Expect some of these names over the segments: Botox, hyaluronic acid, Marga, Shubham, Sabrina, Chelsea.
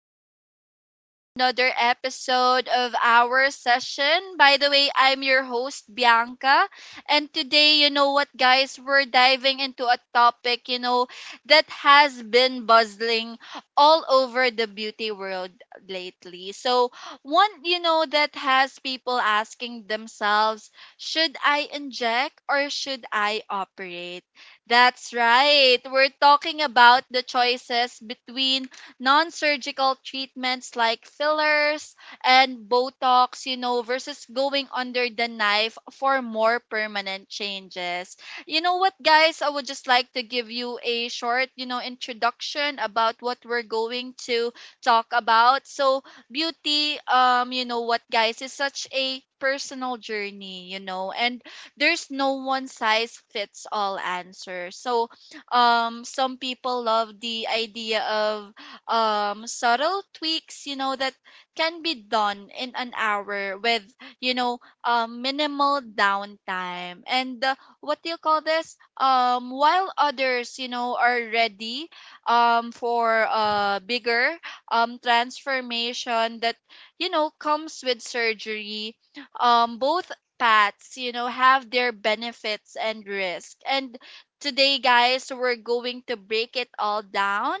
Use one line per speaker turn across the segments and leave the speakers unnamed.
welcome back to another episode of our session. By the way, I'm your host, Bianca. And today, you know what, guys, we're diving into a topic, that has been buzzing all over the beauty world lately. So, one, that has people asking themselves, should I inject or should I operate? That's right. We're talking about the choices between non surgical treatments like fillers and Botox, versus going under the knife for more permanent changes. You know what, guys? I would just like to give you a short, introduction about what we're going to talk about. So, beauty, you know what, guys, is such a personal journey, and there's no one size fits all answer. So some people love the idea of subtle tweaks, that can be done in an hour with, you know, minimal downtime. And what do you call this? While others, are ready for a bigger transformation that comes with surgery. Both paths, have their benefits and risk. And today, guys, we're going to break it all down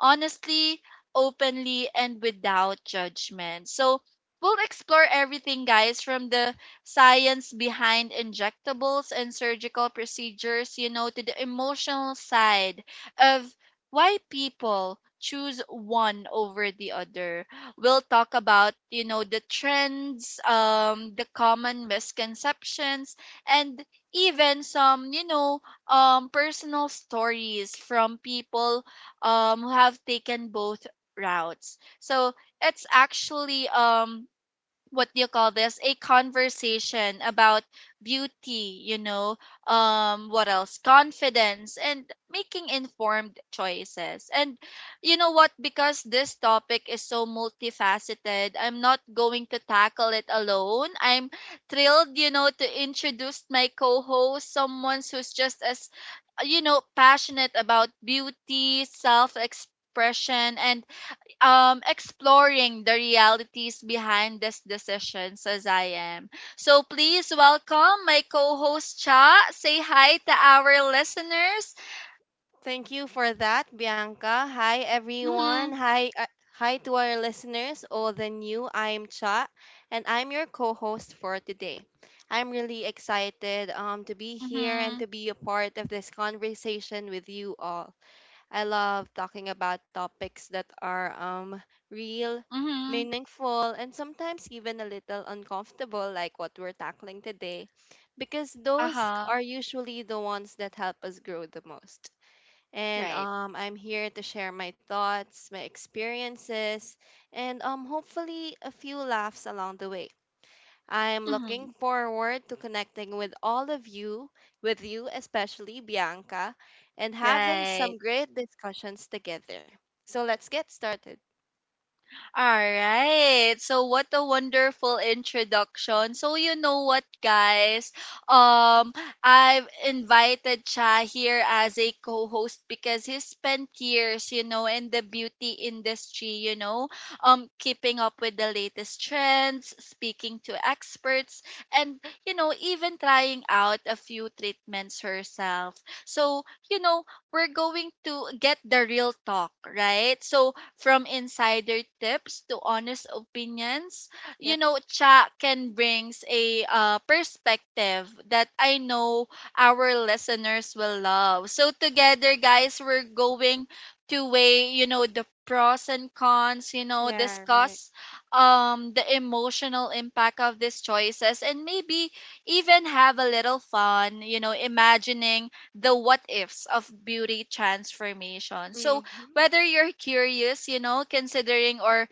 honestly, openly, and without judgment. So, we'll explore everything, guys, from the science behind injectables and surgical procedures, to the emotional side of why people choose one over the other. We'll talk about, the trends, the common misconceptions, and even some, personal stories from people who have taken both routes. So it's actually what do you call this a conversation about beauty, what else, confidence, and making informed choices. And you know what because this topic is so multifaceted, I'm not going to tackle it alone. I'm thrilled to introduce my co-host, someone who's just as passionate about beauty, self expression, and exploring the realities behind these decisions as I am. So please welcome my co-host Cha. Say hi to our listeners.
Thank you for that, Bianca. Hi, everyone.
Mhm.
Hi to our listeners, old and new. I'm Cha, and I'm your co-host for today. I'm really excited to be here and
Mhm.
to be a part of this conversation with you all. I love talking about topics that are real,
Mhm.
meaningful, and sometimes even a little uncomfortable, like what we're tackling today, because those
Uh-huh.
are usually the ones that help us grow the most, and
Right.
I'm here to share my thoughts, my experiences, and hopefully a few laughs along the way. I am looking
Mhm.
forward to connecting with all of you, with you especially Bianca, and having
Right.
some great discussions together. So let's get started.
All right. So what a wonderful introduction. So you know what, guys? Um, I've invited Cha here as a co-host because he spent years, in the beauty industry, keeping up with the latest trends, speaking to experts, and even trying out a few treatments herself. So you know, we're going to get the real talk, right? So from insider tips to honest opinions,
Yep.
chat can brings a perspective that I know our listeners will love. So together, guys, we're going to weigh, the pros and cons,
Yeah, right.
discuss the emotional impact of these choices, and maybe even have a little fun, imagining the what ifs of beauty transformation. So
Mm-hmm.
whether you're curious, considering, or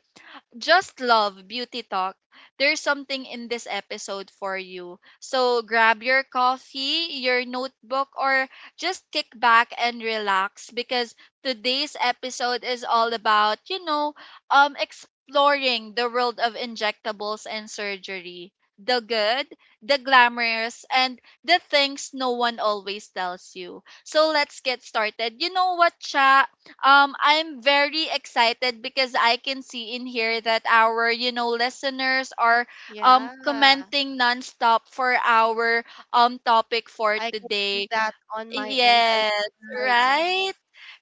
just love beauty talk, there's something in this episode for you. So grab your coffee, your notebook, or just kick back and relax, because today's episode is all about, exploring the world of injectables and surgery. The good, the glamorous, and the things no one always tells you. So let's get started. You know what, Cha? I'm very excited because I can see in here that our, listeners are
Yeah.
commenting nonstop for our topic for
I can see
today.
that on my end as
Yes,
well. Yeah.
right?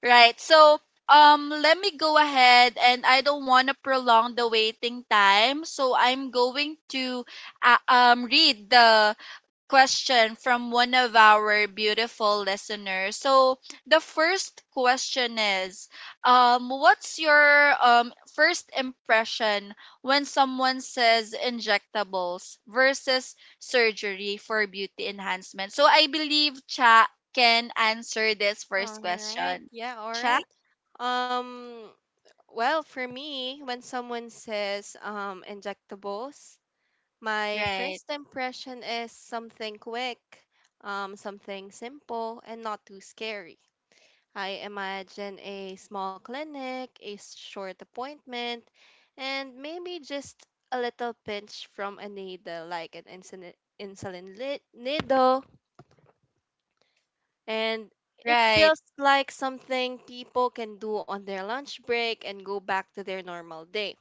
Right. So, let me go ahead, and I don't want to prolong the waiting time, so I'm going to read the question from one of our beautiful listeners. So the first question is, what's your first impression when someone says injectables versus surgery for beauty enhancement? So I believe Cha can answer this first
All right.
question.
Yeah, all
Cha?
right. Um Well, for me, when someone says injectables, my
Right.
first impression is something quick, something simple, and not too scary. I imagine a small clinic, a short appointment, and maybe just a little pinch from a needle, like an needle. And it
Right.
feels like something people can do on their lunch break and go back to their normal day.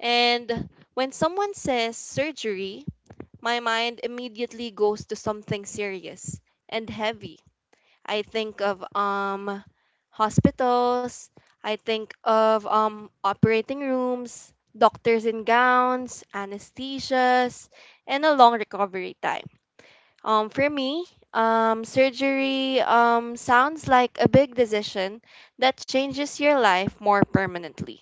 And when someone says surgery, my mind immediately goes to something serious and heavy. I think of hospitals, I think of operating rooms, doctors in gowns, anesthesias, and a long recovery time. For me, surgery sounds like a big decision that changes your life more permanently.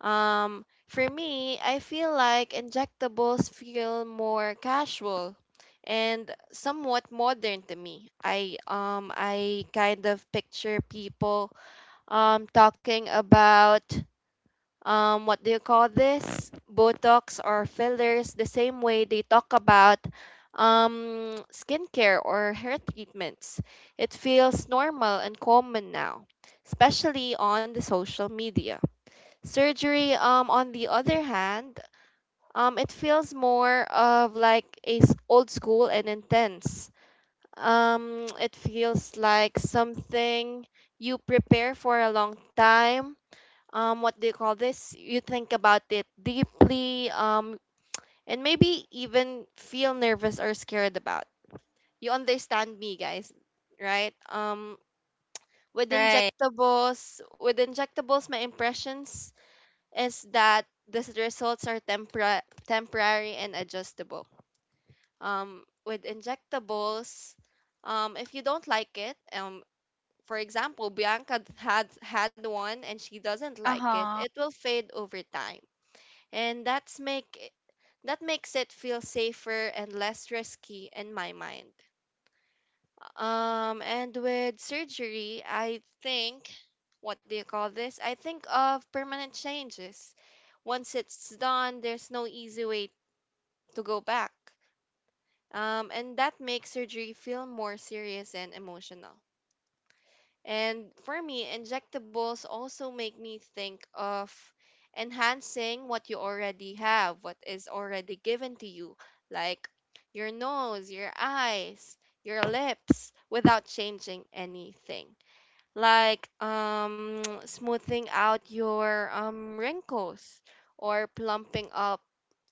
For me, I feel like injectables feel more casual and somewhat modern to me. I kind of picture people talking about um, what do you call this? Botox or fillers the same way they talk about skincare or hair treatments. It feels normal and common now, especially on the social media. Surgery, on the other hand, it feels more of like a old school and intense. It feels like something you prepare for a long time. What do you call this? You think about it deeply, and maybe even feel nervous or scared about. You understand me, guys, right? With
Right.
injectables, with injectables, my impressions is that the results are temporary and adjustable. With injectables, if you don't like it, for example, Bianca had one and she doesn't like it
Uh-huh.
will fade over time, and that makes it feel safer and less risky in my mind. And with surgery, I think, what do you call this? I think of permanent changes. Once it's done, there's no easy way to go back. And that makes surgery feel more serious and emotional. And for me, injectables also make me think of enhancing what you already have, what is already given to you, like your nose, your eyes, your lips, without changing anything. Like smoothing out your wrinkles or plumping up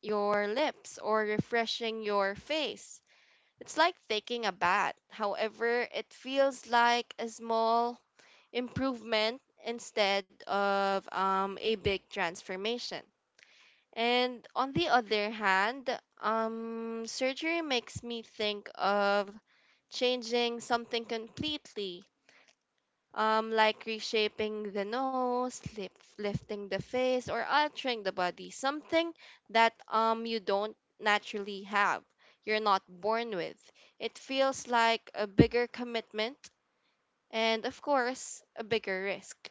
your lips or refreshing your face. It's like taking a bath. However, it feels like a small improvement instead of a big transformation. And on the other hand, surgery makes me think of changing something completely like reshaping the nose, lifting the face, or altering the body, something that you don't naturally have, you're not born with. It feels like a bigger commitment and, of course, a bigger risk.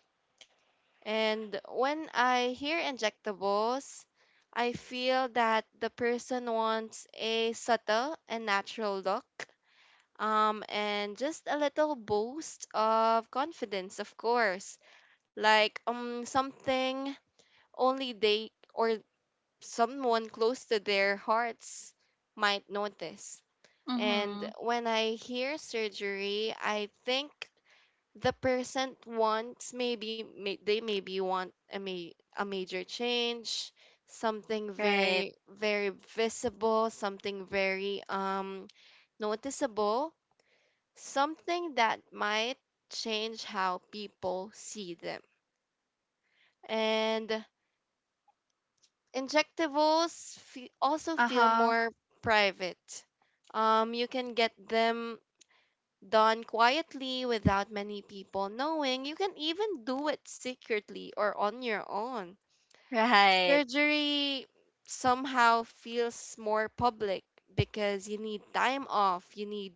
And when I hear injectables, I feel that the person wants a subtle and natural look, and just a little boost of confidence, of course, like um, something only they or someone close to their hearts might notice. And
Mm-hmm.
when I hear surgery, I think the person wants they maybe want a ma- a major change, something
Right.
very visible, something very um, noticeable, something that might change how people see them. And injectables also feel
Uh-huh.
more private. You can get them done quietly without many people knowing. You can even do it secretly or on your own.
Right.
Surgery somehow feels more public because you need time off, you need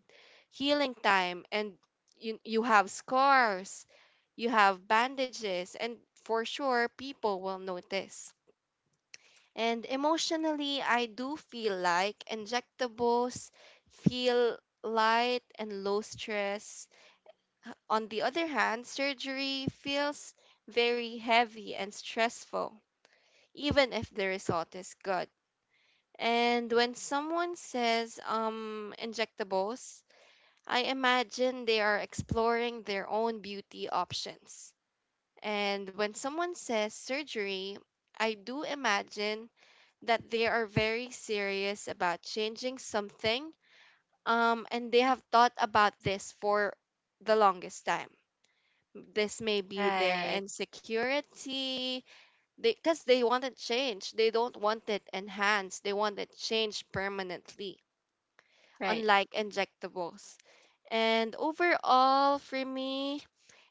healing time, and you have scars, you have bandages, and for sure people will notice. And emotionally, I do feel like injectables feel light and low stress. On the other hand, surgery feels very heavy and stressful, even if the result is good. And when someone says injectables, I imagine they are exploring their own beauty options. And when someone says surgery, I do imagine that they are very serious about changing something and they have thought about this for the longest time. This may be their
Right.
insecurity because they want it changed. They don't want it enhanced. They want it changed permanently,
Right.
unlike injectables. And overall, for me,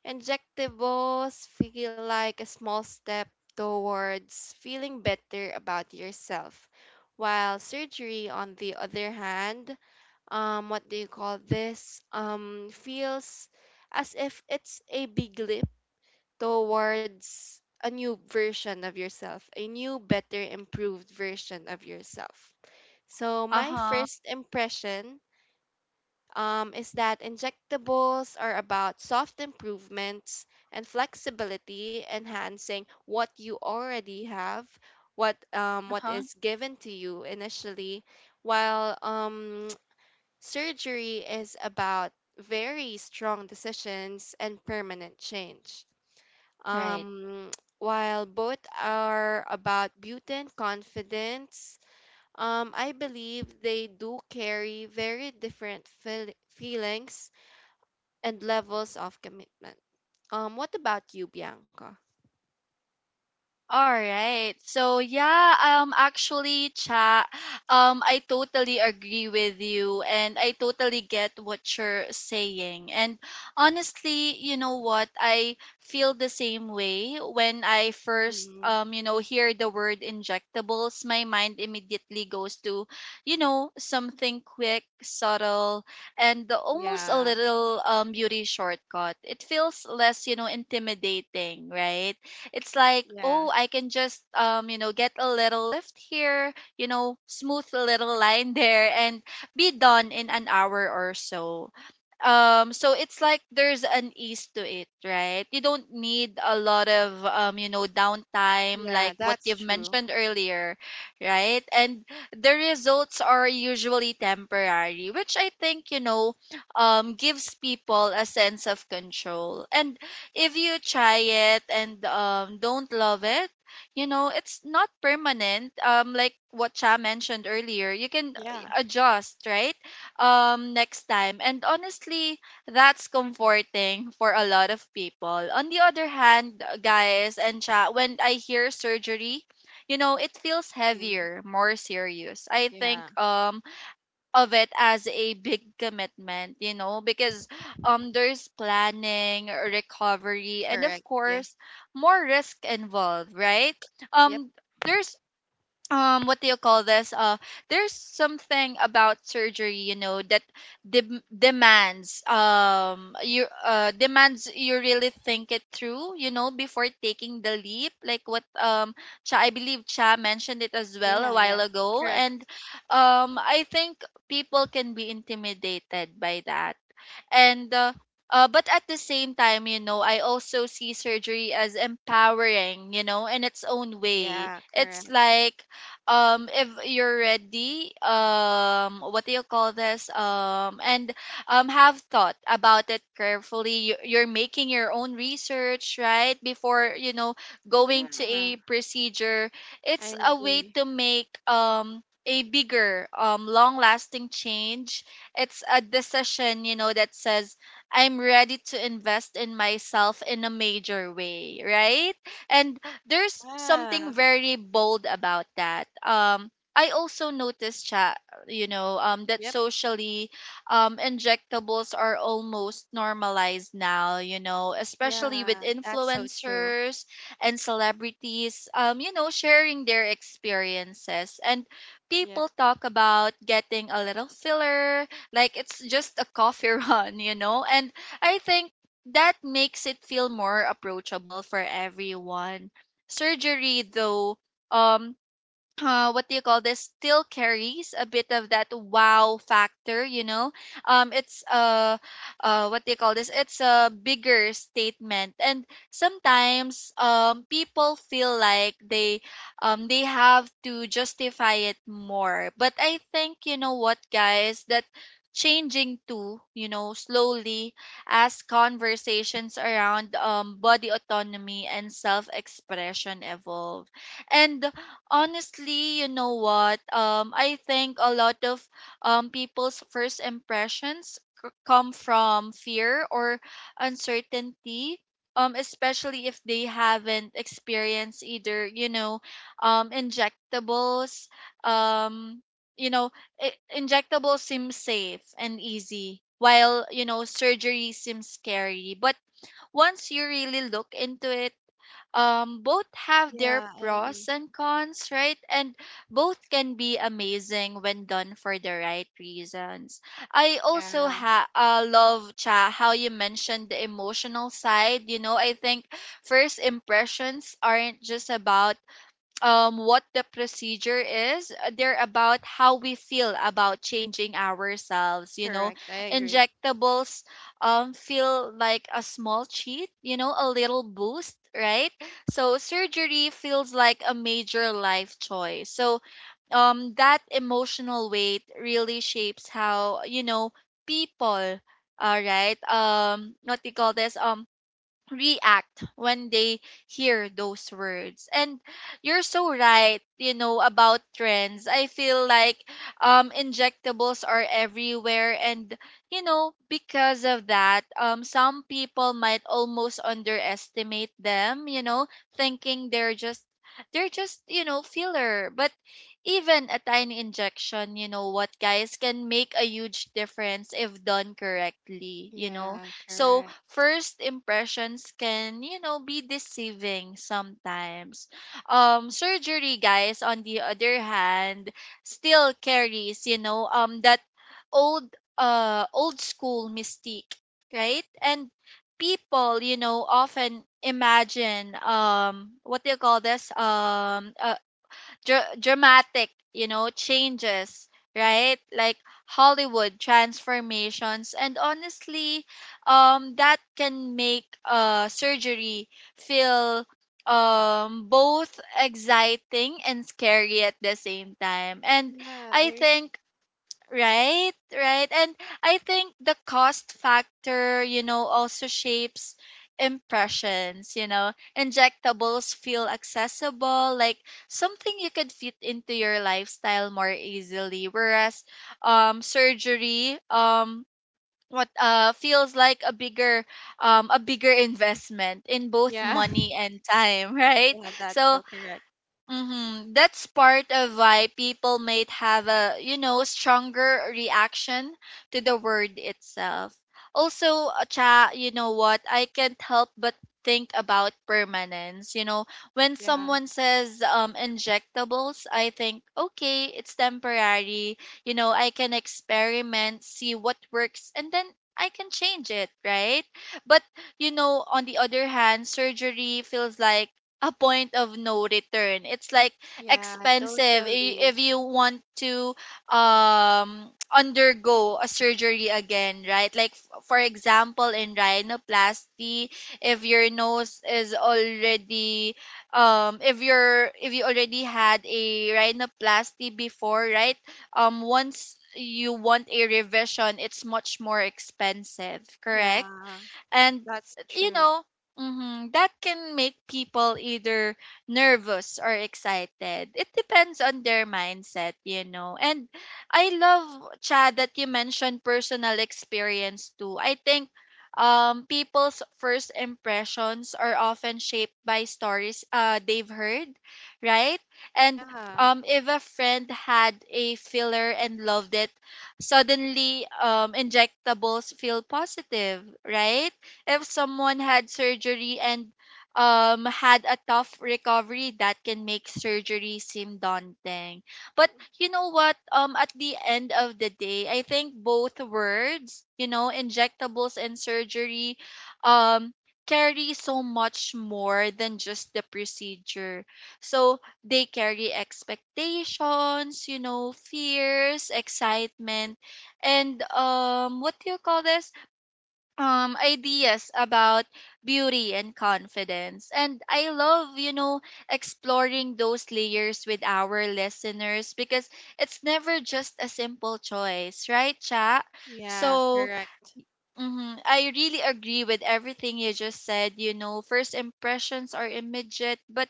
injectables feel like a small step towards feeling better about yourself. While surgery, on the other hand, what do you call this? Feels as if it's a big leap towards a new version of yourself, a new, better, improved version of yourself. So, my
Uh-huh.
first impression is that injectables are about soft improvements and flexibility, enhancing what you already have, what
Uh-huh.
is given to you initially, while surgery is about very strong decisions and permanent change.
Right.
Um, while both are about beauty and confidence, I believe they do carry very different feelings and levels of commitment. What about you, Bianca?
All right. So yeah, actually Cha, I totally agree with you, and I totally get what you're saying. And honestly, you know what? I feel the same way when I first
Mm,
hear the word injectables. My mind immediately goes to, something quick, subtle, and almost a
yeah,
little beauty shortcut. It feels less, intimidating, right? It's like,
yeah,
oh, I can just get a little lift here, smooth a little line there, and be done in an hour or so. So it's like there's an ease to it, right? You don't need a lot of downtime, like
yeah,
what
that's
you've
true.
mentioned earlier, right? And the results are usually temporary, which I think, gives people a sense of control. And if you try it and don't love it, it's not permanent, like what Cha mentioned earlier. You can
Yeah,
adjust, right, next time, and honestly, that's comforting for a lot of people. On the other hand, guys, and Cha, when I hear surgery, it feels
mm,
heavier, more serious. I
yeah,
think of it as a big commitment, because there's planning, recovery, and of
correct. Yeah,
course, more risk involved, right?
yep,
Um there's what do you call this there's something about surgery that demands you demands you really think it through, before taking the leap, like what Cha, I believe Cha mentioned it as well a
yeah,
while ago.
correct.
And I think people can be intimidated by that. And But at the same time, I also see surgery as empowering, in its own way.
Yeah,
It's
correct.
like, if you're ready what do you call this and have thought about it carefully, you're making your own research, right, before going to a
Yeah,
procedure. It's
I
a way to
agree.
make a bigger long lasting change. It's a decision, that says, I'm ready to invest in myself in a major way, right? And there's something
Yeah,
very bold about that. I also noticed, chat, that
yep,
socially, injectables are almost normalized now, especially with
yeah, that's so true.
influencers and celebrities sharing their experiences. And people
Yep,
talk about getting a little filler like it's just a coffee run, you know? And I think that makes it feel more approachable for everyone. Surgery though, um what do you call this still carries a bit of that wow factor, you know it's what do you call this it's a bigger statement, and sometimes people feel like they have to justify it more. But I think, you know what, guys, that changing too, slowly, as conversations around body autonomy and self expression evolve. And honestly, you know what? I think a lot of people's first impressions come from fear or uncertainty. Especially if they haven't experienced either, injectables. Um, you know, I injectables seem safe and easy, while surgery seems scary. But once you really look into it, both have their
yeah, I
pros
agree.
and cons, right, and both can be amazing when done for the right reasons. I also
Yeah,
love, Cha, how you mentioned the emotional side. I think first impressions aren't just about what the procedure is. They're about how we feel about changing ourselves. You know,
correct. I agree.
injectables feel like a small cheat, a little boost, right? So surgery feels like a major life choice. So that emotional weight really shapes how, people. All right. What do you call this? React when they hear those words. And you're so right, about trends. I feel like injectables are everywhere, and because of that, some people might almost underestimate them, thinking they're just filler. But even a tiny injection, you know what, guys, can make a huge difference if done correctly.
Yeah,
So
correct.
first impressions can, be deceiving sometimes. Surgery, guys, on the other hand, still carries, that old, old school mystique, right? And people, often imagine, what do you call this? Dr- dramatic, changes, right? Like Hollywood transformations. And honestly, that can make surgery feel both exciting and scary at the same time. And
Yeah,
I
I re-
think. Right, right. And I think the cost factor, also shapes impressions, Injectables feel accessible, like something you could fit into your lifestyle more easily, whereas surgery what feels like a bigger, a bigger investment in both
yeah,
money and time, right?
yeah, that's so
So.
correct.
Mm-hmm. That's part of why people might have a, stronger reaction to the word itself. Also, Cha, you know what? I can't help but think about permanence. You know, when
Yeah,
someone says injectables, I think, okay, it's temporary. You know, I can experiment, see what works, and then I can change it, right? But you know, on the other hand, surgery feels like a point of no return. It's like
yeah,
expensive
totally.
if you want to undergo a surgery again, right? Like for example in rhinoplasty, if your nose is already if you're if you already had a rhinoplasty before, right? Once you want a revision, it's much more expensive, correct?
Yeah,
And
that's
you
true.
know, mhm, that can make people either nervous or excited. It depends on their mindset, you know. And I love, chad, that you mentioned personal experience too. I think people's first impressions are often shaped by stories they've heard, right? And
Yeah,
if a friend had a filler and loved it, suddenly injectables feel positive, right? If someone had surgery and had a tough recovery, that can make surgery seem daunting. But you know what, at the end of the day, I think both words, you know, injectables and surgery, um carry so much more than just the procedure. So they carry expectations, you know, fears, excitement, and what do you call this, ideas about beauty and confidence. And I love, you know, exploring those layers with our listeners, because it's never just a simple choice, right, Cha?
yeah,
So
correct.
mhm, I really agree with everything you just said. You know, first impressions are immediate, but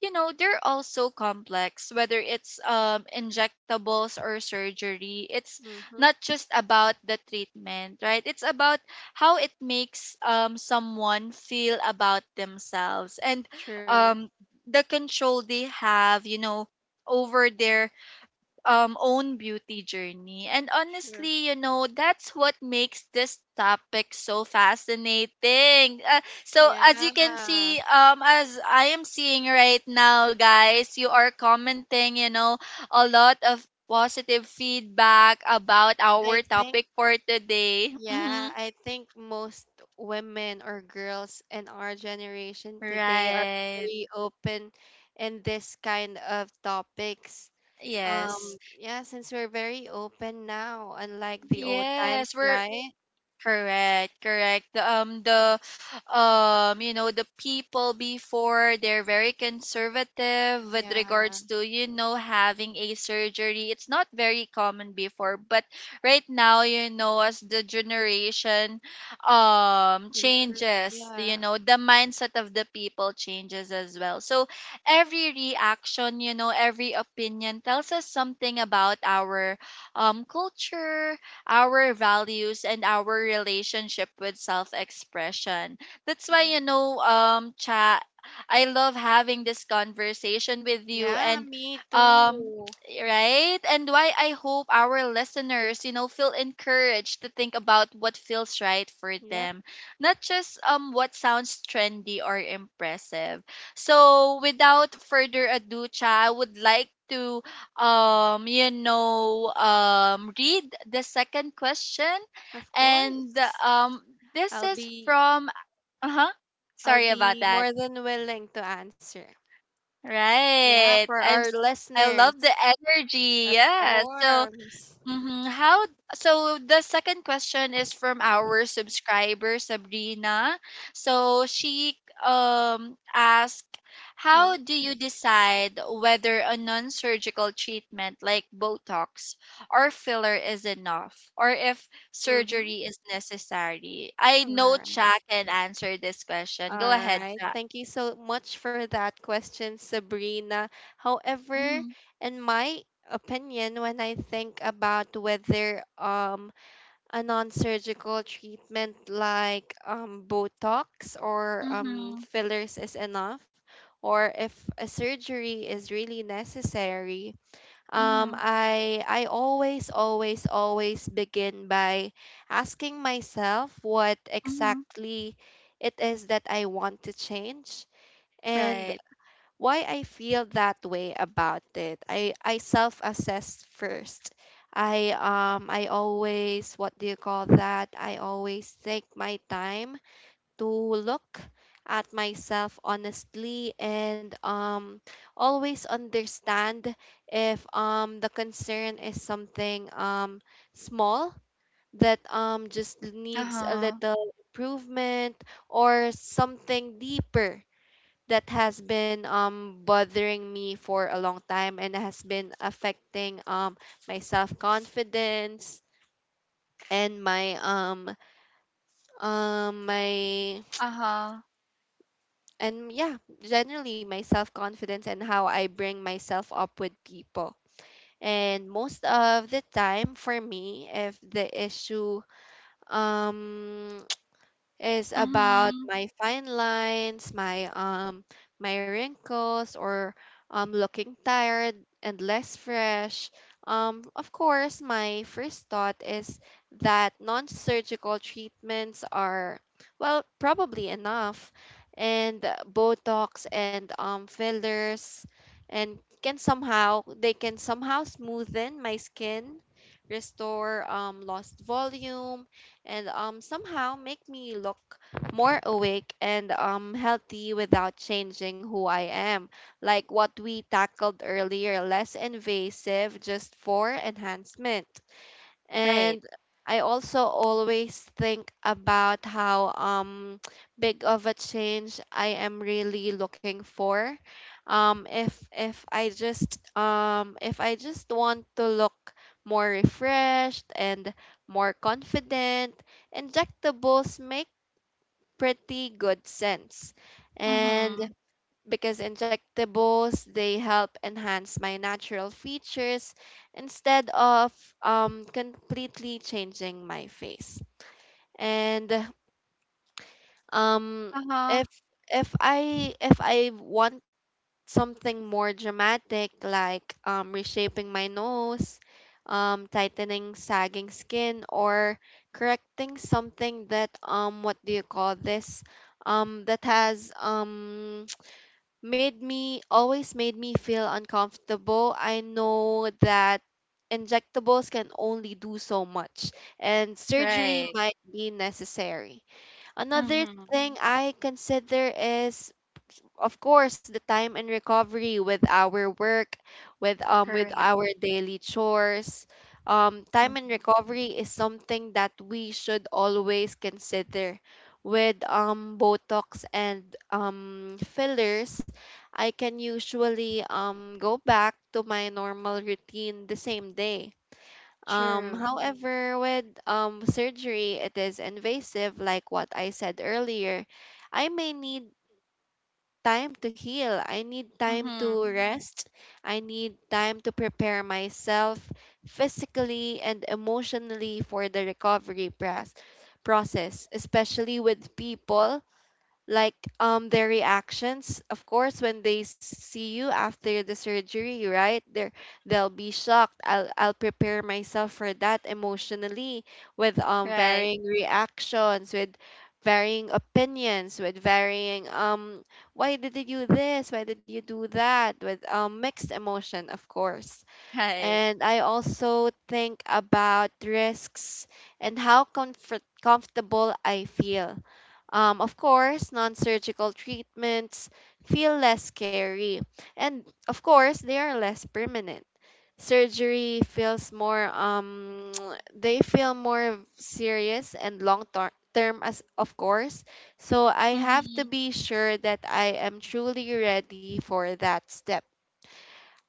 you know, they're also complex. Whether it's injectables or surgery, it's
Mm-hmm.
not just about the treatment, right? It's about how it makes someone feel about themselves, and
True,
um the control they have, you know, over their own beauty journey. And
true.
honestly, you know, that's what makes this topic so fascinating. So
Yeah,
as you can see, as I am seeing right now, guys, you are commenting, you know, a lot of positive feedback about
I
our
think,
topic for today.
yeah,
Mhm.
I think most women or girls in our generation today are
Right.
very open in this kind of topics.
Yes.
Yeah, since we're very open now, unlike the old times,
Yes, we're
right?
correct, correct. The, you know, the people before, they're very conservative with regards
Yeah,
to, you know, having a surgery. It's not very common before, but right now, you know, as the generation
improve.
changes, you
Yeah,
know, the mindset of the people changes as well. So every reaction, you know, every opinion tells us something about our culture, our values, and our relationship with self expression. That's why, you
yeah.
know, Cha, I love having this conversation with you,
Yeah,
and,
me
um,
too.
right? And why I hope our listeners, you know, feel encouraged to think about what feels right for
Yep,
them, not just what sounds trendy or impressive. So, without further ado, Cha, I would like to you know read the second question,
of
and
course.
um this
I'll
is
be
from uh-huh,
I'll
sorry about
be
that.
more than willing to answer. Yeah,
Right.
for our
I love
listeners.
the energy.
Of
Yeah, so
course.
mm-hmm. How, so the second question is from our subscriber Sabrina. So she asked,
Um,
how do you decide whether a non-surgical treatment like Botox or filler is enough, or if
mm-hmm.
surgery is necessary? I
All
know
right.
Cha can answer this
All
question. Go ahead,
right.
Cha.
Thank you so much for that question, Sabrina. However,
Mm-hmm.
in my opinion, when I think about whether a non-surgical treatment like Botox or
Mm-hmm.
fillers is enough, or if a surgery is really necessary,
Mm-hmm.
I always begin by asking myself what
Mm-hmm.
exactly it is that I want to change. And
Right.
why I feel that way about it. I self-assess first. I always, what do you call that? I always take my time to look at myself honestly and um, always understand if um, the concern is something um, small that um, just needs a
Uh-huh.
little improvement or something deeper that has been um, bothering me for a long time and has been affecting um, my self confidence and my
Uh-huh.
and yeah, generally my self confidence and how I bring myself up with people. And most of the time for me, if the issue um, is about
Mm-hmm.
my fine lines, my wrinkles or um, looking tired and less fresh. Um, of course, my first thought is that non-surgical treatments are well probably enough, and botox and um, fillers and can somehow smoothen my skin, restore um, lost volume and somehow make me look more awake and healthy without changing who I am. Like what we tackled earlier, less invasive just for enhancement.
Right.
And I also always think about how um, big of a change I am really looking for. Um, if I just want to look more refreshed and more confident, injectables make pretty good sense. And
Mhm.
because injectables, they help enhance my natural features instead of completely changing my face and um,
Uh-huh.
if if i want something more dramatic like reshaping my nose tightening sagging skin or correcting something that um, what do you call this um, that has um, made me always made me feel uncomfortable. I know that injectables can only do so much and surgery
Right.
might be necessary. Another
Mhm.
thing I consider is, of course, the time and recovery with our work, with um, with
Correct.
our daily chores. Um, time and
Mhm.
recovery is something that we should always consider. With um, botox and um, fillers, I can usually um, go back to my normal routine the same day. Um,
True.
however, with um, surgery, it is invasive. Like what I said earlier, I may need time to heal. I need time to
Mhm.
rest. I need time to prepare myself physically and emotionally for the recovery process, especially with people, like, their reactions. Of course, when they see you after the surgery, right, they'll be shocked. I'll prepare myself for that emotionally, with
Right.
varying reactions, with varying opinions, with varying, "Why did you do this, why did you do that," with mixed emotion, of course.
Right.
And I also think about risks and how comfortable I feel. Of course, non surgical treatments feel less scary, and of course, they are less permanent. Surgery feels more, um, they feel more serious and long term, as of course. So I have to
Mhm.
be sure that I am truly ready for that step.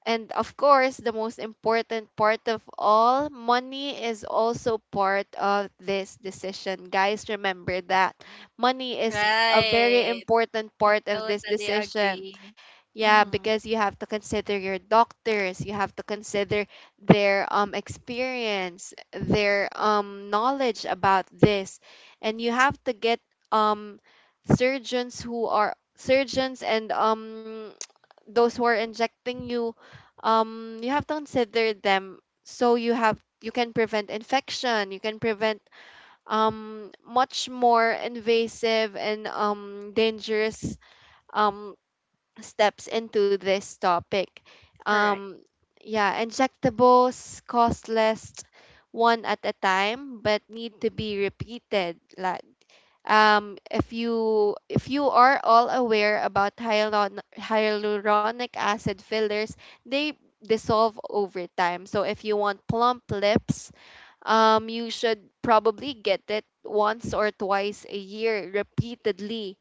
And of course, the most important part of all, money is also part of this decision. Guys, remember that money is a very
Right.
important
I
part of this
totally
decision.
agree.
Yeah,
Mhm.
because you have to consider your doctors, you have to consider their experience, their knowledge about this, and you have to get um surgeons who are surgeons, and those who are injecting you. You have to consider them, so you can prevent infection, you can prevent much more invasive and dangerous um steps into this topic.
Correct.
um yeah, injectables cost less one at a time but need to be repeated, like, if you are all aware about hyaluronic acid fillers. They dissolve over time, so if you want plump lips, you should probably get it once or twice a year repeatedly.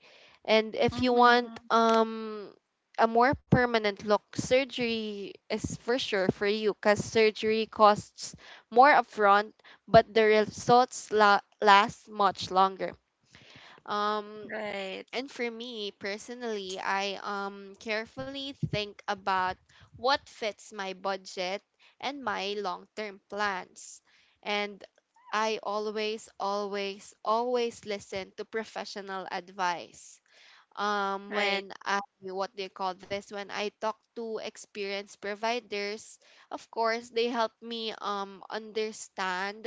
And if you want,
Mhm.
a more permanent look, surgery is for sure for you, because surgery costs more upfront but the results last much longer. um,
Right.
and for me personally, I carefully think about what fits my budget and my long-term plans. And I always, always, always listen to professional advice
Right.
when I, what do you call this, when I talk to experienced providers. Of course they help me understand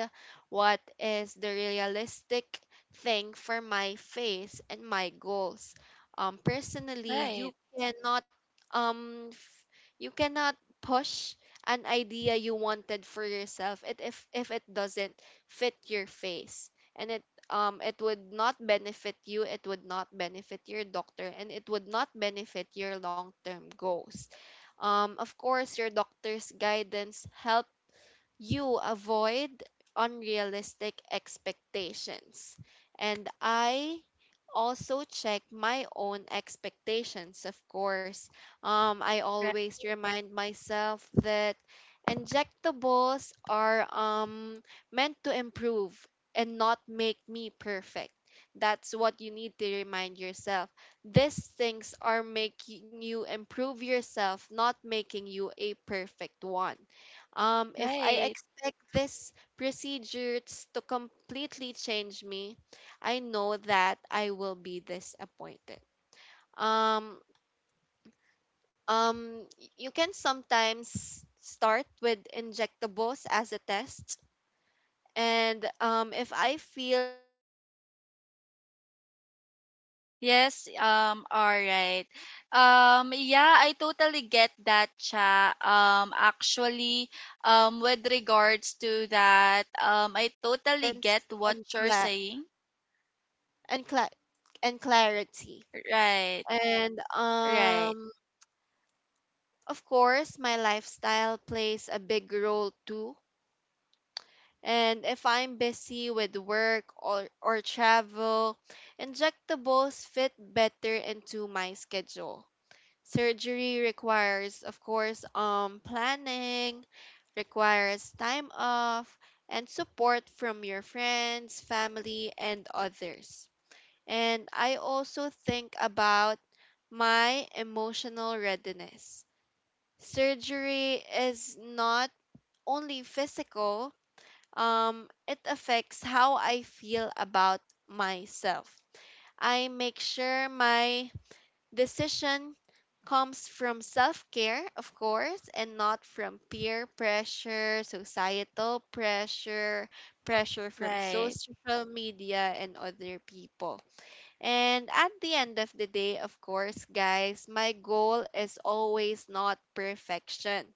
what is the realistic thing for my face and my goals. Personally,
Right.
you cannot, um f- you cannot push an idea you wanted for yourself, it if it doesn't fit your face. And it would not benefit you, it would not benefit your doctor, and it would not benefit your long-term goals. Of course, your doctor's guidance help you avoid unrealistic expectations. And I also check my own expectations, of course. I
Right.
always remind myself that injectables are, meant to improve and not make me perfect. That's what you need to remind yourself. These things are making you improve yourself, not making you a perfect one. If I
Right.
expect this procedures to completely change me, I know that I will be disappointed. Um, you can sometimes start with injectables as a test, and if I feel like the improvement is not there
Yes,
but still want
all
more
right.
change, then
Yeah,
I
I
can
totally
slowly
get that,
begin
Cha.
considering
Actually,
um
with regards
surgery
to that,
with more
I totally
confidence
get what
and
you're saying.
and cla- clarity.
Right,
And
right,
of course, my lifestyle plays a big role too. And if I'm busy with work or travel, injectables fit better into my schedule. Surgery requires, of course, planning, requires time off and support from your friends, family, and others. And I also think about my emotional readiness. Surgery is not only physical. It affects how I feel about myself. I make sure my decision comes from self care, of course, and not from peer pressure, societal pressure, pressure from
right.
social media, and other people. And at the end of the day, of course, guys, my goal is always not perfection.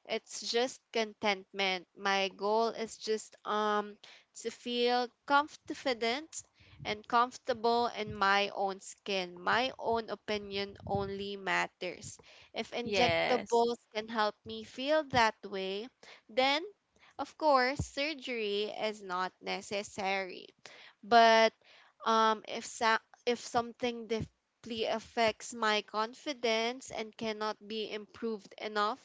It's just contentment. My goal is just to feel confident and comfortable in my own skin. My own opinion only matters. If
Yes,
injectables can help me feel that way, then of course, surgery is not necessary. But um, if sa- if something deeply affects my confidence and cannot be improved enough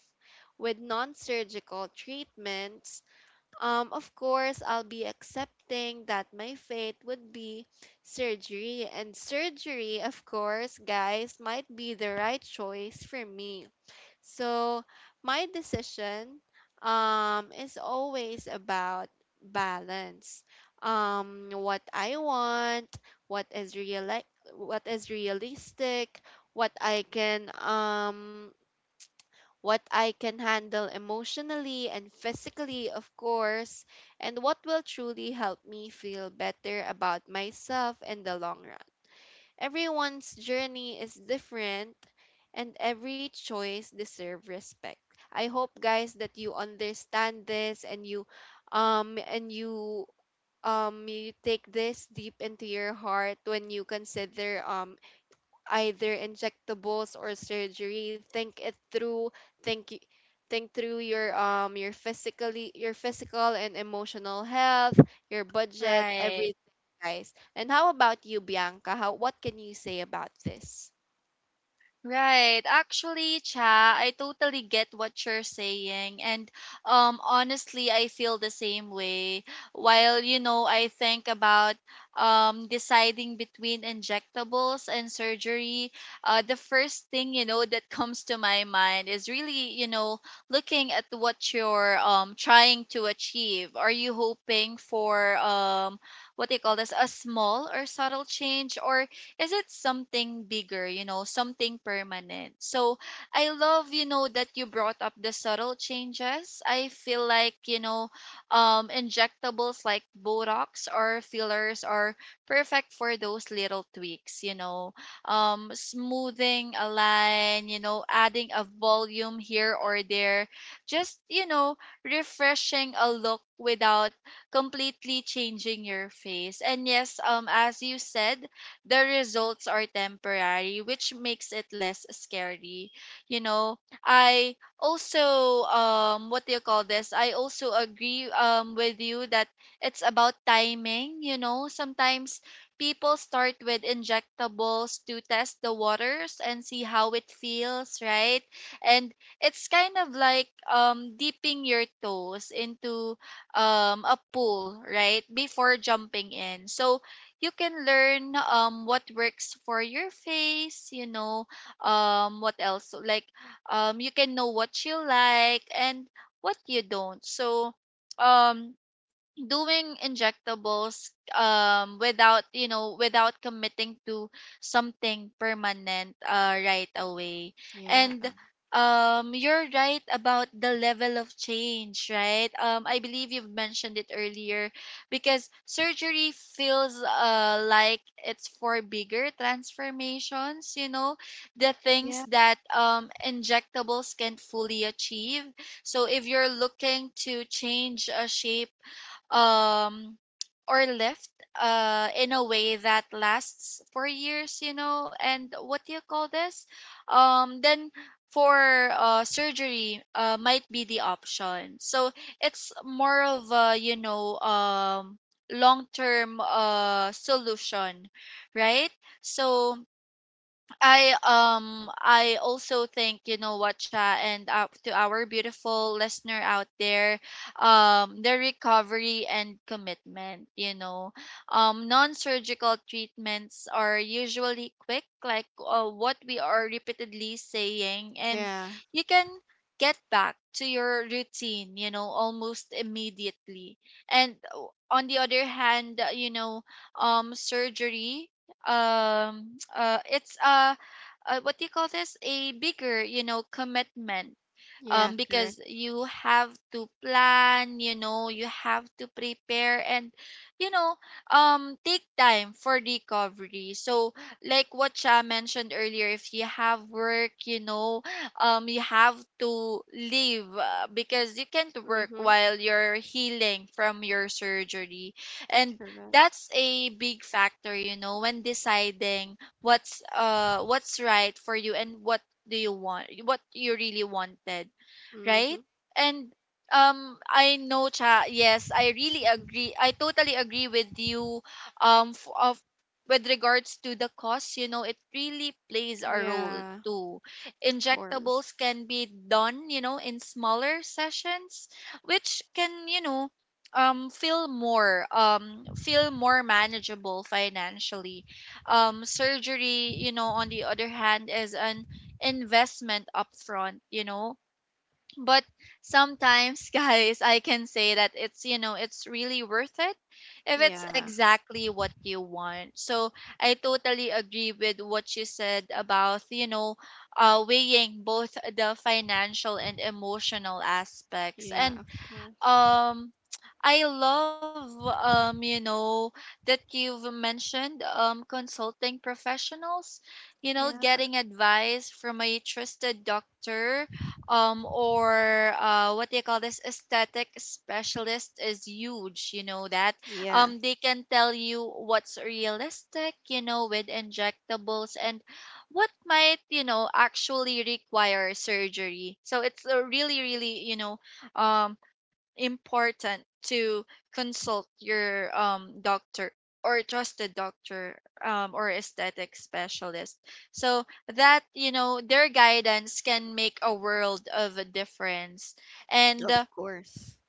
with non-surgical treatments, of course I'll be accepting that my fate would be surgery, and surgery, of course, guys, might be the right choice for me. So my decision is always about balance. What I want, what is real what is realistic, what I can, handle emotionally and physically, of course, and what will truly help me feel better about myself in the long run. Everyone's journey is different and every choice deserves respect. I hope, guys, that you understand this, and you, um and you you take this deep into your heart when you consider, either injectables or surgery. Think it through, think y- think through your, your physically your physical and emotional health, your budget,
right.
everything, guys. And how about you, Bianca? How, what can you say about this?
Right. Actually, Cha, I totally get what you're saying. And honestly, I feel the same way. While, you know, I think about deciding between injectables and surgery, the first thing, you know, that comes to my mind is really, you know, looking at what you're trying to achieve. Are you hoping for what do you call this, a small or subtle change, or is it something bigger, you know, something permanent? So I love, you know, that you brought up the subtle changes. I feel like, you know, injectables like Botox or fillers are perfect for those little tweaks, you know, smoothing a line, you know, adding a volume here or there, just, you know, refreshing a look without completely changing your face. And yes, as you said, the results are temporary, which makes it less scary. You know, I also what do you call this? I also agree with you that it's about timing, you know. Sometimes people start with injectables to test the waters and see how it feels, right? And it's kind of like dipping your toes into a pool, right? Before jumping in. So you can learn what works for your face, you know. What else, like you can know what you like and what you don't. So um doing injectables without, you know, without committing to something permanent, right away.
Yeah.
And you're right about the level of change, right? I believe you've mentioned it earlier, because surgery feels like it's for bigger transformations, you know, the
Yeah.
things that injectables can't fully achieve. So if you're looking to change a shape, um or left in a way that lasts for years, you know, and what do you call this, then for, surgery, might be the option. So it's more of a, you know, long term, uh, solution, right? So I also think, you know what, Sha, and, to our beautiful listener out there, the recovery and commitment. You know, non-surgical treatments are usually quick, like, what we are repeatedly saying, and
Yeah.
you can get back to your routine, you know, almost immediately. And, on the other hand, you know, surgery, it's a what do you call this, a bigger, you know, commitment,
Yeah. Correct.
because you have to plan, you know, you have to prepare, and, you know, take time for recovery. So, like what Cha mentioned earlier, if you have work, you know, you have to leave, because you can't work
Mm-hmm.
while you're healing from your surgery. And
Correct.
that's a big factor, you know, when deciding what's right for you, and what do you want, what you really wanted,
Mm-hmm.
right? And I know, cha, yes, I really
Mm,
agree. I totally agree with you of with regards to the cost, you know, it really plays a role
yeah.
too.
Of course.
Injectables can be done, you know, in smaller sessions, which can, you know, feel more manageable financially. Surgery, you know, on the other hand, is an investment upfront, you know, but sometimes guys, I can say that it's, you know, it's really worth it if it's
Yeah.
exactly what you want. So I totally agree with what you said about, you know, weighing both the financial and emotional aspects,
Yeah. Of
and
course.
um I love, you know, that you've mentioned consulting professionals, you know,
Yeah.
getting advice from a trusted doctor or, uh, what do you call this, aesthetic specialist, is huge, you know that.
Yeah.
They can tell you what's realistic, you know, with injectables, and what might, you know, actually require surgery. So it's a really, you know, um important to consult your doctor, or trusted doctor, or aesthetic specialist, so that, you know, their guidance can make a world of a difference. And,
Of course.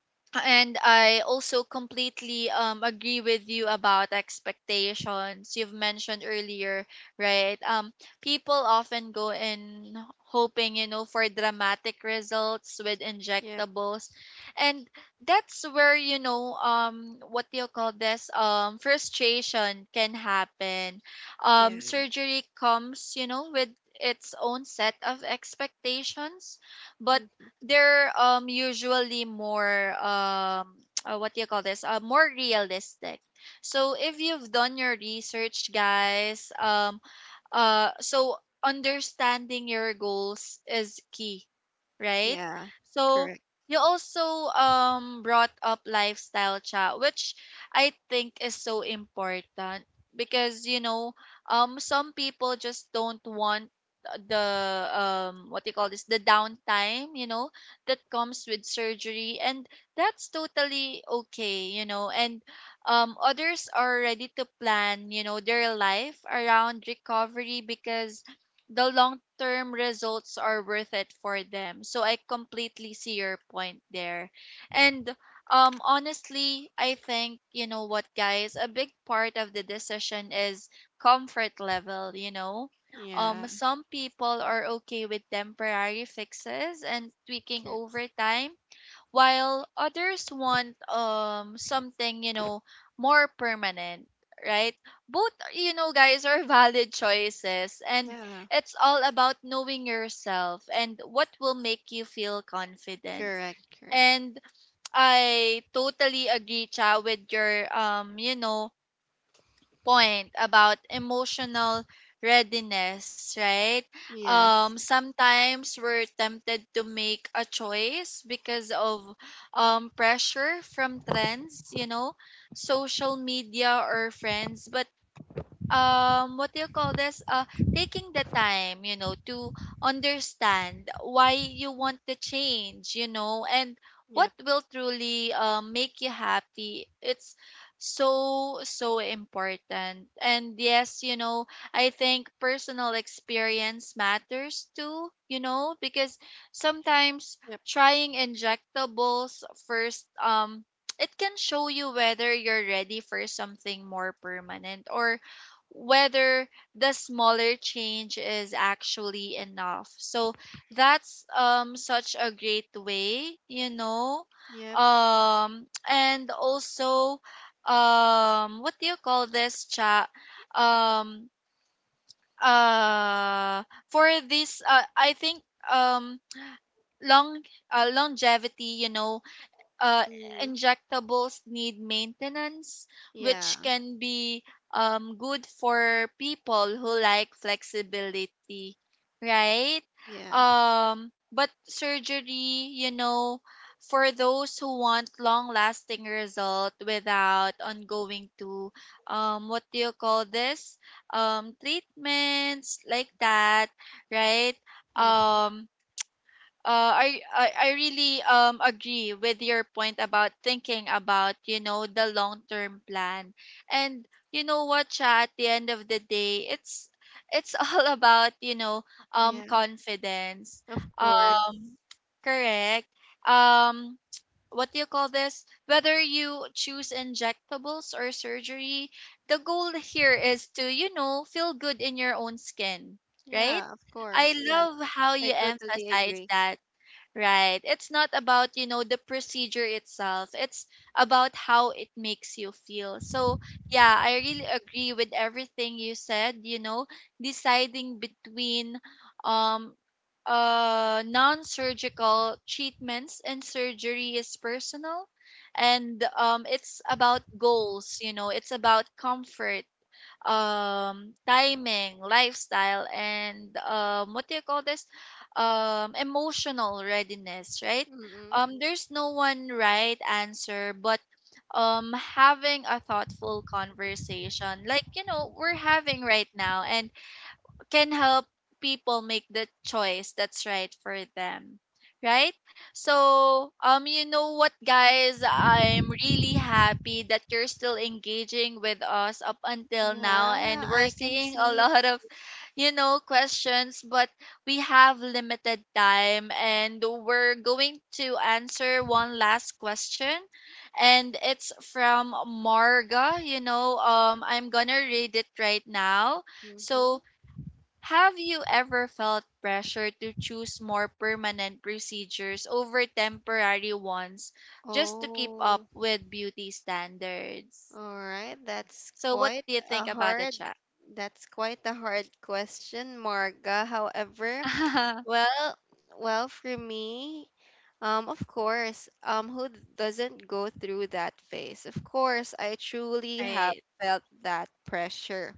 and I also completely agree with you about expectations. You've mentioned earlier, right? People often go in hoping, you know, for dramatic results with
Yep.
injectables, and that's where, you know, what do you call this, frustration can happen.
Yeah.
Surgery comes, you know, with its own set of expectations, but they're usually more what do you call this, more realistic. So if you've done your research, guys, so understanding your goals is key, right?
Yeah,
So
correct.
you also brought up lifestyle, chat, which I think is so important, because, you know, some people just don't want the what do you call this, the downtime, you know, that comes with surgery, and that's totally okay, you know. And others are ready to plan, you know, their life around recovery, because the long term results are worth it for them. So I completely see your point there. And honestly, I think, you know what, guys, a big part of the decision is comfort level, you know.
Yeah,
Some people are okay with temporary fixes and tweaking
cor-
over time while others want something more permanent, right? Both guys are valid choices, and
yeah,
it's all about knowing yourself and what will make you feel confident.
correct, correct.
And I totally agree, Cha, with your point about emotional readiness, right?
Yes.
Sometimes we're tempted to make a choice because of pressure from trends, social media or friends, but what do you call this, taking the time to understand why you want the change and what
Yep,
will truly make you happy. It's so so important. And yes, I think personal experience matters too, because sometimes
yep,
trying injectables first, it can show you whether you're ready for something more permanent or whether the smaller change is actually enough. So that's such a great way.
yep.
And also, what do you call this, chat? Um uh for this, I think, um long, longevity, uh,
Mm.
injectables need maintenance,
Yeah,
which can be, good for people who like flexibility, right?
yeah.
But surgery, for those who want long-lasting result without ongoing to, what do you call this? Treatments like that, right?
Mm-hmm.
Um, I really agree with your point about thinking about the long term plan. And you know what, Cha, at the end of the day, it's all about
Yeah,
confidence.
of course.
um Correct. um what do you call this? Whether you choose injectables or surgery, the goal here is to feel good in your own skin,
Yeah,
right?
of course.
I
Yeah,
love how
I
you
totally agree.
emphasize that. Right. It's not about, the procedure itself. It's about how it makes you feel. So, yeah, I really agree with everything you said, deciding between um non-surgical treatments and surgery is personal, and it's about goals, it's about comfort, timing, lifestyle, and what do you call this? Emotional readiness, right?
Mm-mm.
There's no one right answer, but having a thoughtful conversation, like we're having right now, and can help people make the choice that's right for them, right? So you know what, guys, I'm really happy that you're still engaging with us up until now,
Yeah,
and we're
I can
seeing a
see.
lot of questions, but we have limited time and we're going to answer one last question, and it's from Marga. I'm gonna read it right now. So,
Mm-hmm.
have you ever felt pressure to choose more permanent procedures over temporary ones just to keep up
Oh,
with beauty standards?
all right.
So, what do you think about the chat?
That's quite a hard question, Marga. However, well, well, for me, of course, who doesn't go through that phase? Of course, I truly have
Right,
felt that pressure.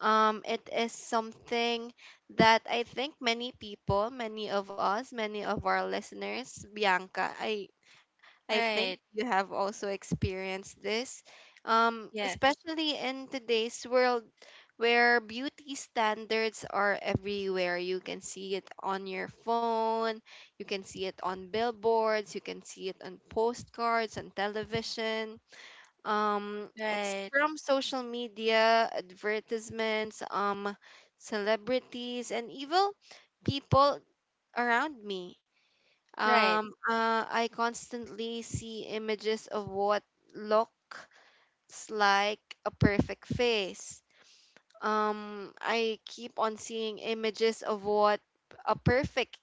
It is something that I think many people, many of us, many of our listeners, Bianca, I think
right.
you have also experienced this,
Yes.
especially in today's world where beauty standards are everywhere. You can see it on your phone, you can see it on billboards, you can see it on postcards, on television. It's
Right,
from social media, advertisements, celebrities, and even people around me.
right,
I constantly see images of what looks like a perfect face. I keep on seeing images of what a perfect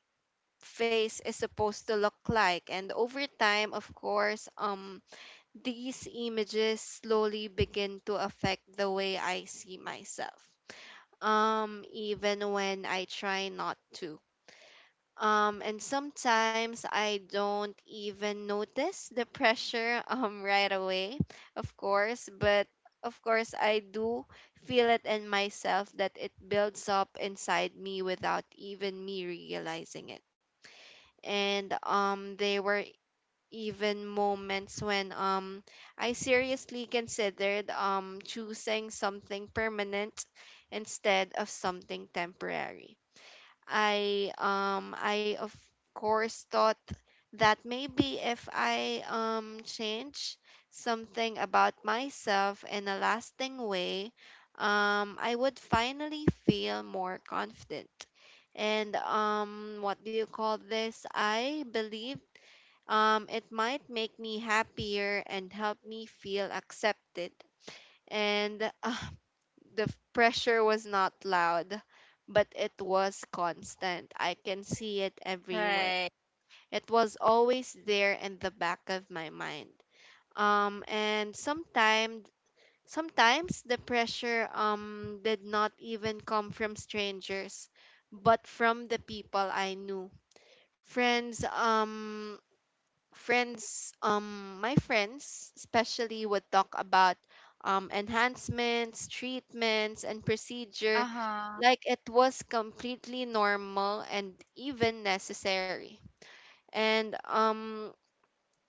face is supposed to look like, and over time, of course, these images slowly begin to affect the way I see myself. Even when I try not to. And sometimes I don't even notice the pressure right away, of course, but of course I do feel it in myself that it builds up inside me without even me realizing it. And there were even moments when I seriously considered choosing something permanent instead of something temporary. I, of course, thought that maybe if I change something about myself in a lasting way, I would finally feel more confident. And what do you call this? I believe it might make me happier and help me feel accepted. And the pressure was not loud, but it was constant. I can see it everywhere.
right.
It was always there in the back of my mind. And sometimes the pressure did not even come from strangers, but from the people I knew. Friends friends My friends especially would talk about enhancements, treatments, and procedure
Uh huh,
like it was completely normal and even necessary. And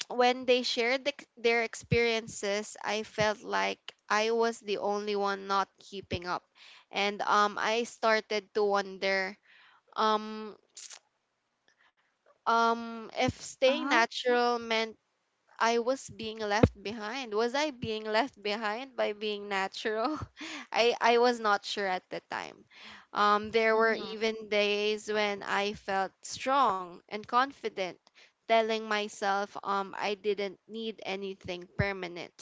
when they shared their experiences, I felt like I was the only one not keeping up. And I started to wonder, um if
uh
staying
huh,
natural meant I was being left behind. Was I being left behind by being natural? I was not sure at the time. There were
mm-hmm.
even days when I felt strong and confident, telling myself I didn't need anything permanent.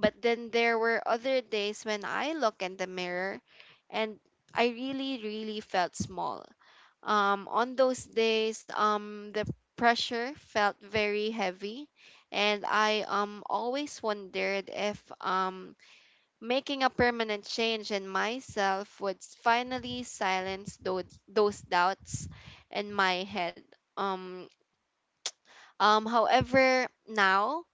But then there were other days when I look in the mirror, and I really, really felt small. On those days, the pressure felt very heavy, and I, always wondered if, making a permanent change in myself would finally silence those doubts in my head. Um, However, now,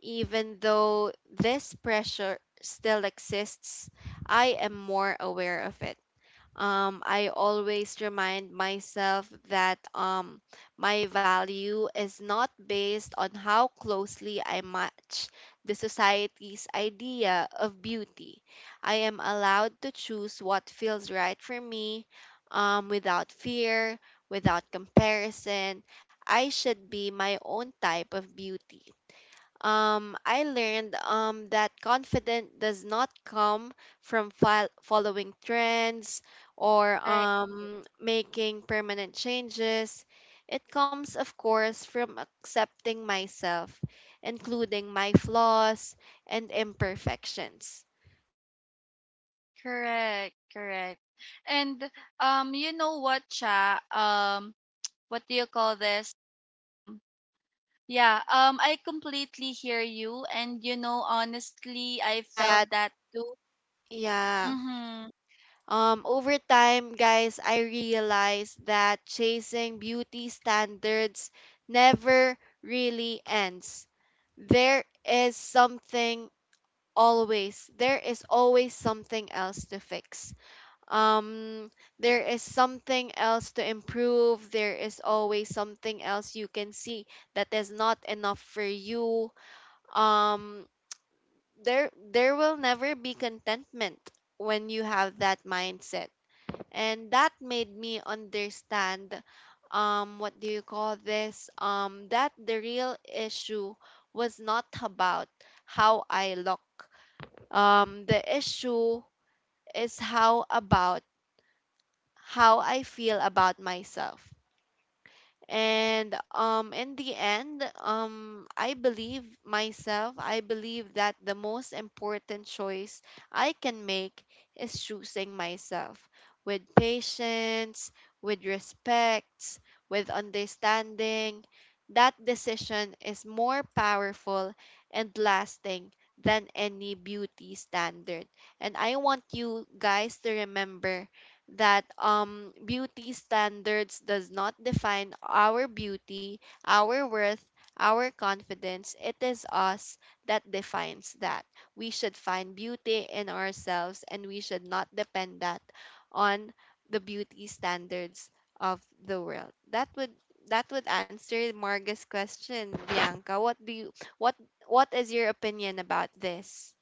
even though this pressure still exists, I am more aware of it. I always remind myself that, my value is not based on how closely I match the society's idea of beauty. I am allowed to choose what feels right for me, without fear, without comparison. I should be my own type of beauty. I learned, that confidence does not come from following trends, or
Right.
making permanent changes. It comes, of course, from accepting myself, including my flaws and imperfections. That lesson
Correct,
was not
correct.
easy, but
And
it was
you know
very
what,
important,
chat?
guys. It was very
What do you
important.
call this? Um. Yeah, I
Over
completely hear
time,
you,
I
and you know,
realized
honestly, I felt
that.
that too.
Yeah.
Mm-hmm.
Over time, guys, I realized that chasing beauty standards never really ends. There is something always. There is always something else to fix. Um, there is something else to improve. There is always something else you can see that is not enough for you. Um, there will never be contentment when you have that mindset, and that made me understand, what do you call this, that the real issue was not about how I look. The issue is how about how I feel about myself. And in the end, I believe that the most important choice I can make is choosing myself, with patience, with respect, with understanding. That decision is more powerful and lasting than any beauty standard. And I want you guys to remember that beauty standards does not define our beauty, our worth, our confidence. It is us that defines that. We should find beauty in ourselves, and we should not depend that on the beauty standards of the world. That would answer Marga's question, Bianca. What what is your opinion about this?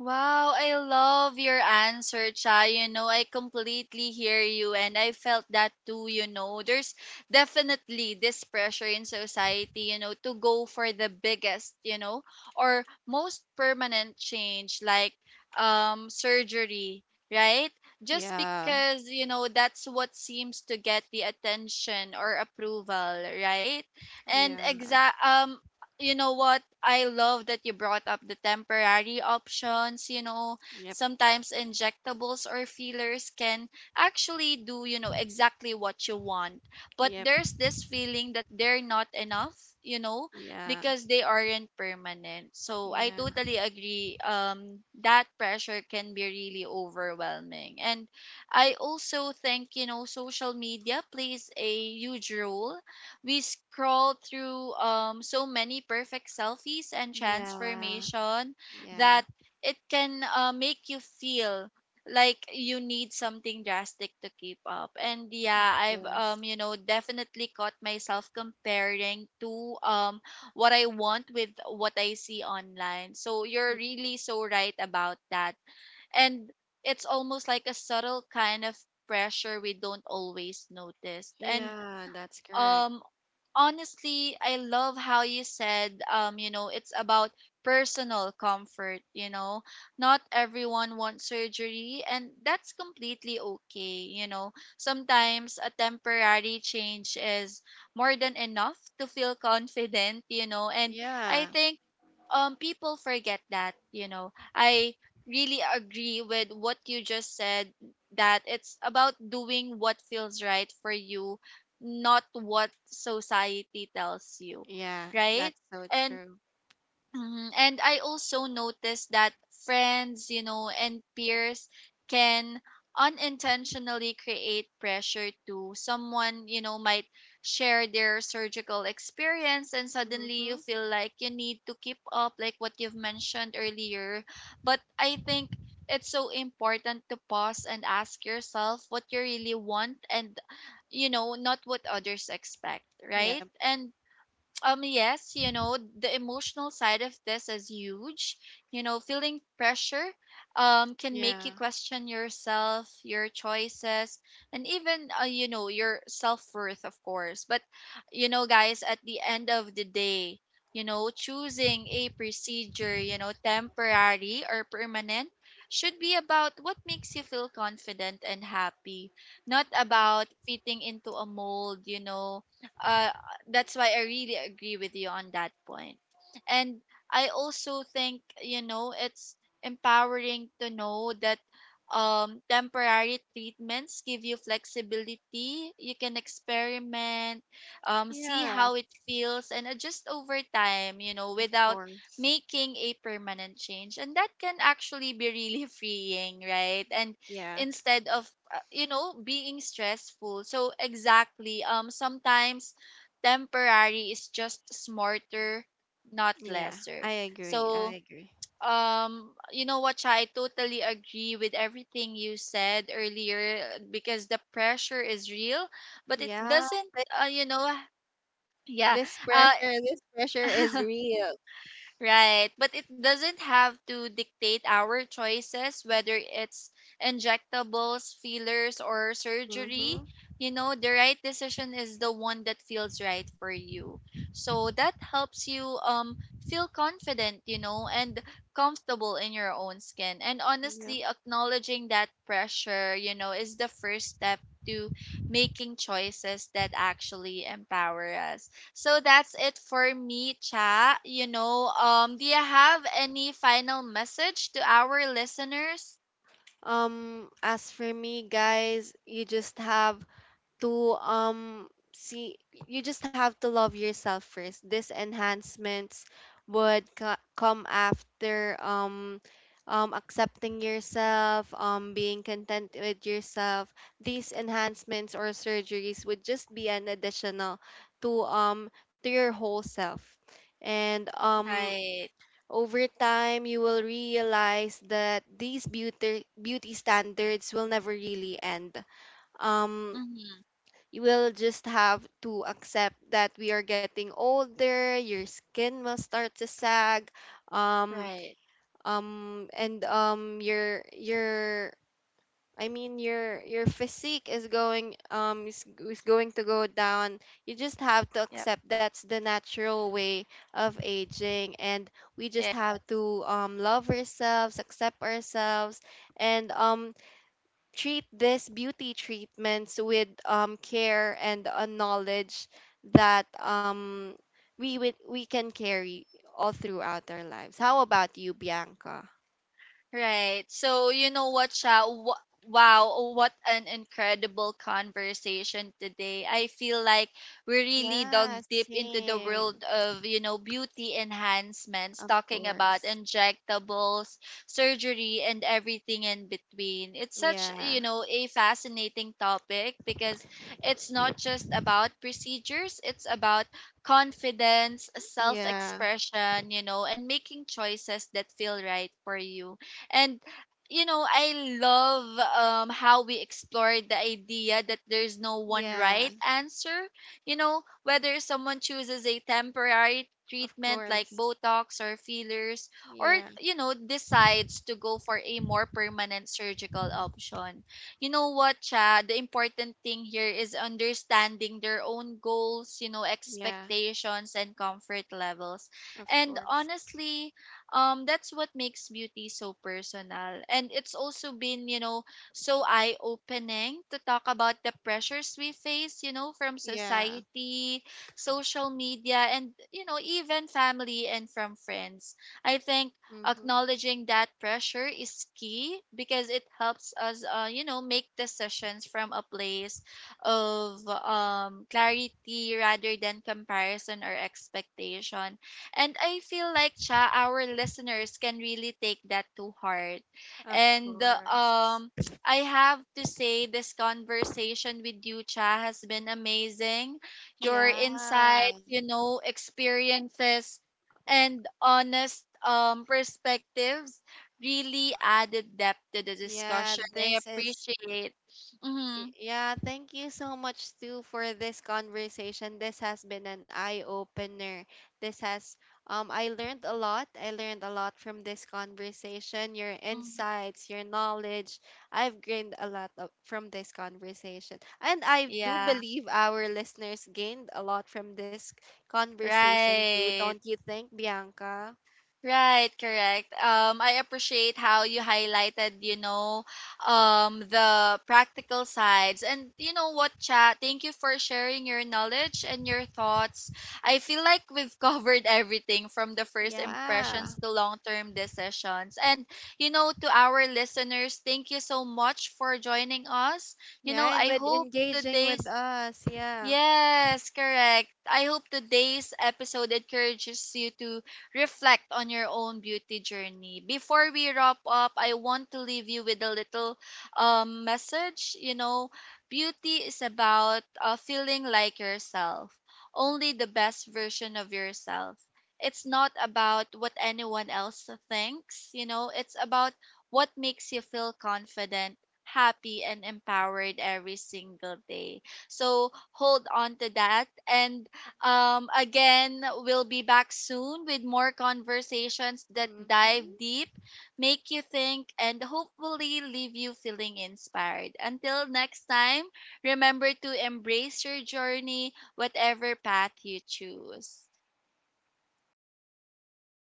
Wow, I love your answer, Cha. You know, I completely hear you and I felt that too, you know. There's definitely this pressure in society, you know, to go for the biggest, you know, or most permanent change like surgery, right? Just
Yeah.
because, you know, that's what seems to get the attention or approval, right?
Yeah.
And exact you know what? I love that you brought up the temporary options. You know,
Yep.
sometimes injectables or fillers can actually do, you know, exactly what you want. But
Yep.
there's this feeling that they're not enough, you know,
Yeah.
because they aren't permanent. So I
Yeah.
totally agree. That pressure can be really overwhelming. And I also think, you know, social media plays a huge role. We scroll through so many perfect selfies and
Yeah,
transformation
yeah,
that it can make you feel like you need something drastic to keep up, and
of
yeah, I've
course.
you know definitely caught myself comparing to what I want with what I see online, so you're really so right about that. And it's almost like a subtle kind of pressure we don't always notice. And
Yeah, that's correct.
um honestly, I love how you said, you know, it's about personal comfort, you know. Not everyone wants surgery, and that's completely okay, you know. Sometimes a temporary change is more than enough to feel confident, you know. And I
Yeah,
think people forget that, you know. I really agree with what you just said, that it's about doing what feels right for you, not what society tells you,
yeah,
right?
that's so
And
true.
Mhm. And I also noticed that friends, you know, and peers can unintentionally create pressure too. Someone, you know, might share their surgical experience and suddenly
Mm-hmm.
you feel like you need to keep up, like what you've mentioned earlier. But I think it's so important to pause and ask yourself what you really want, and you know, not what others expect,
Yep.
right? And yes, you know, the emotional side of this is huge. You know, feeling pressure can make you
Yeah.
question yourself, your choices, and even you know, your self-worth, of course. But you know, guys, at the end of the day, you know, choosing a procedure, you know, temporary or permanent, should be about what makes you feel confident and happy, not
y-
about fitting into a mold, you know. uh, that's why I really agree with you on that point. And I also think, you know, it's empowering to know that temporary treatments give you flexibility. You can experiment, see
Yeah,
how it feels, and adjust over time, you know,
of
without
course.
making a permanent change. And that can actually be really freeing, right? And
Yeah,
instead of you know being stressful, so exactly sometimes temporary is just smarter, not
yeah,
lesser.
I agree. I
So,
agree.
you know what, Cha, I totally agree with everything you said earlier, because the pressure is real, but it
Yeah,
doesn't,
thi-
you know, yeah, uh,
this pressure is real.
right, but it doesn't have to dictate our choices, whether it's injectables, fillers, or surgery.
Mm-hmm.
You know, the right decision is the one that feels right for you. So that helps you feel confident, you know, and comfortable in your own skin. And
Yeah.
honestly, acknowledging that pressure, you know, is the first step to making choices that actually empower us. So that's it for me, Cha. You know, do you have any final message to our listeners?
As for me, guys, to um see you just have to love yourself first. These enhancements would come after, accepting yourself, being content with yourself. These enhancements or surgeries would just be an additional to, to your whole self. And
Right.
over time you will realize that these beauty standards will never really end. um
Mm-hmm.
you will just have to accept that we are getting older, your skin will start to sag, um
Right.
and your, I mean, your, physique is going, is going to go down. You just have to
Yep.
accept that's the natural way of aging, and we just
Yeah.
have to love ourselves, accept ourselves, and treat these beauty treatments with, care and a knowledge that, we can carry all throughout our lives. How about you, Bianca?
Right. So you know what, Sha? Wow, what an incredible conversation today. I feel like we really dug
Yeah,
deep into the
same.
world of, you know, beauty enhancements,
Of
talking about
course.
injectables, surgery, and everything in between. It's such,
Yeah,
you know, a fascinating topic because it's not just about procedures, it's about confidence, self
yeah.
expression, you know, and making choices that feel right for you. And you know I love how we explored the idea that there's no one right
Yeah,
answer, you know, whether someone chooses a temporary
of
treatment like
course.
Botox or fillers, or
Yeah,
you know decides to go for a more permanent surgical option. You know what, Cha? The important thing here is understanding their own goals, you know,
yeah,
expectations and comfort levels.
of
And
course.
honestly, that's what makes beauty so personal. And it's also been, you know, so eye opening to talk about the pressures we face, you know, from
Yeah,
society, social media, and you know even family and from friends. I think
mm-hmm,
acknowledging that pressure is key because it helps us you know make decisions from a place of clarity rather than comparison or expectation. And I feel like, Cha, our listeners can really take that to heart.
of
And
course.
I have to say this conversation with you, Cha, has been amazing. Your
Yeah,
insights, you know, experiences, and honest perspectives really added depth to the
yeah,
discussion. I appreciate. Mhm.
Yeah, thank you so much, Stu, for this conversation. This has been an eye opener. This has, I learned a lot. I learned a lot from this conversation. Your
Mhm.
insights, your knowledge. I've gained a lot from this conversation. And I do
Yeah,
believe our listeners gained a lot from this conversation too, don't
right.
you think, Bianca?
Right, correct. I appreciate how you highlighted, you know, the practical sides. And you know what, chat? Thank you for sharing your knowledge and your thoughts. I feel like we've covered everything from the first
Yeah.
impressions to long-term decisions. And you know, to our listeners, thank you so much for joining us. You
Yeah,
know,
and
I
with
hope
engaging with
today's
us. Yeah.
Yes, correct. I hope today's episode encourages you to reflect on your own beauty journey. Before we wrap up, I want to leave you with a little message. You know, beauty is about feeling like yourself, only the best version of yourself. It's not about what anyone else thinks, you know, it's about what makes you feel confident, happy, and empowered every single day. So hold on to that. And again, we'll be back soon with more conversations that dive
Mm-hmm.
deep, make you think, and hopefully leave you feeling inspired. Until next time, remember to embrace your journey, whatever path you choose.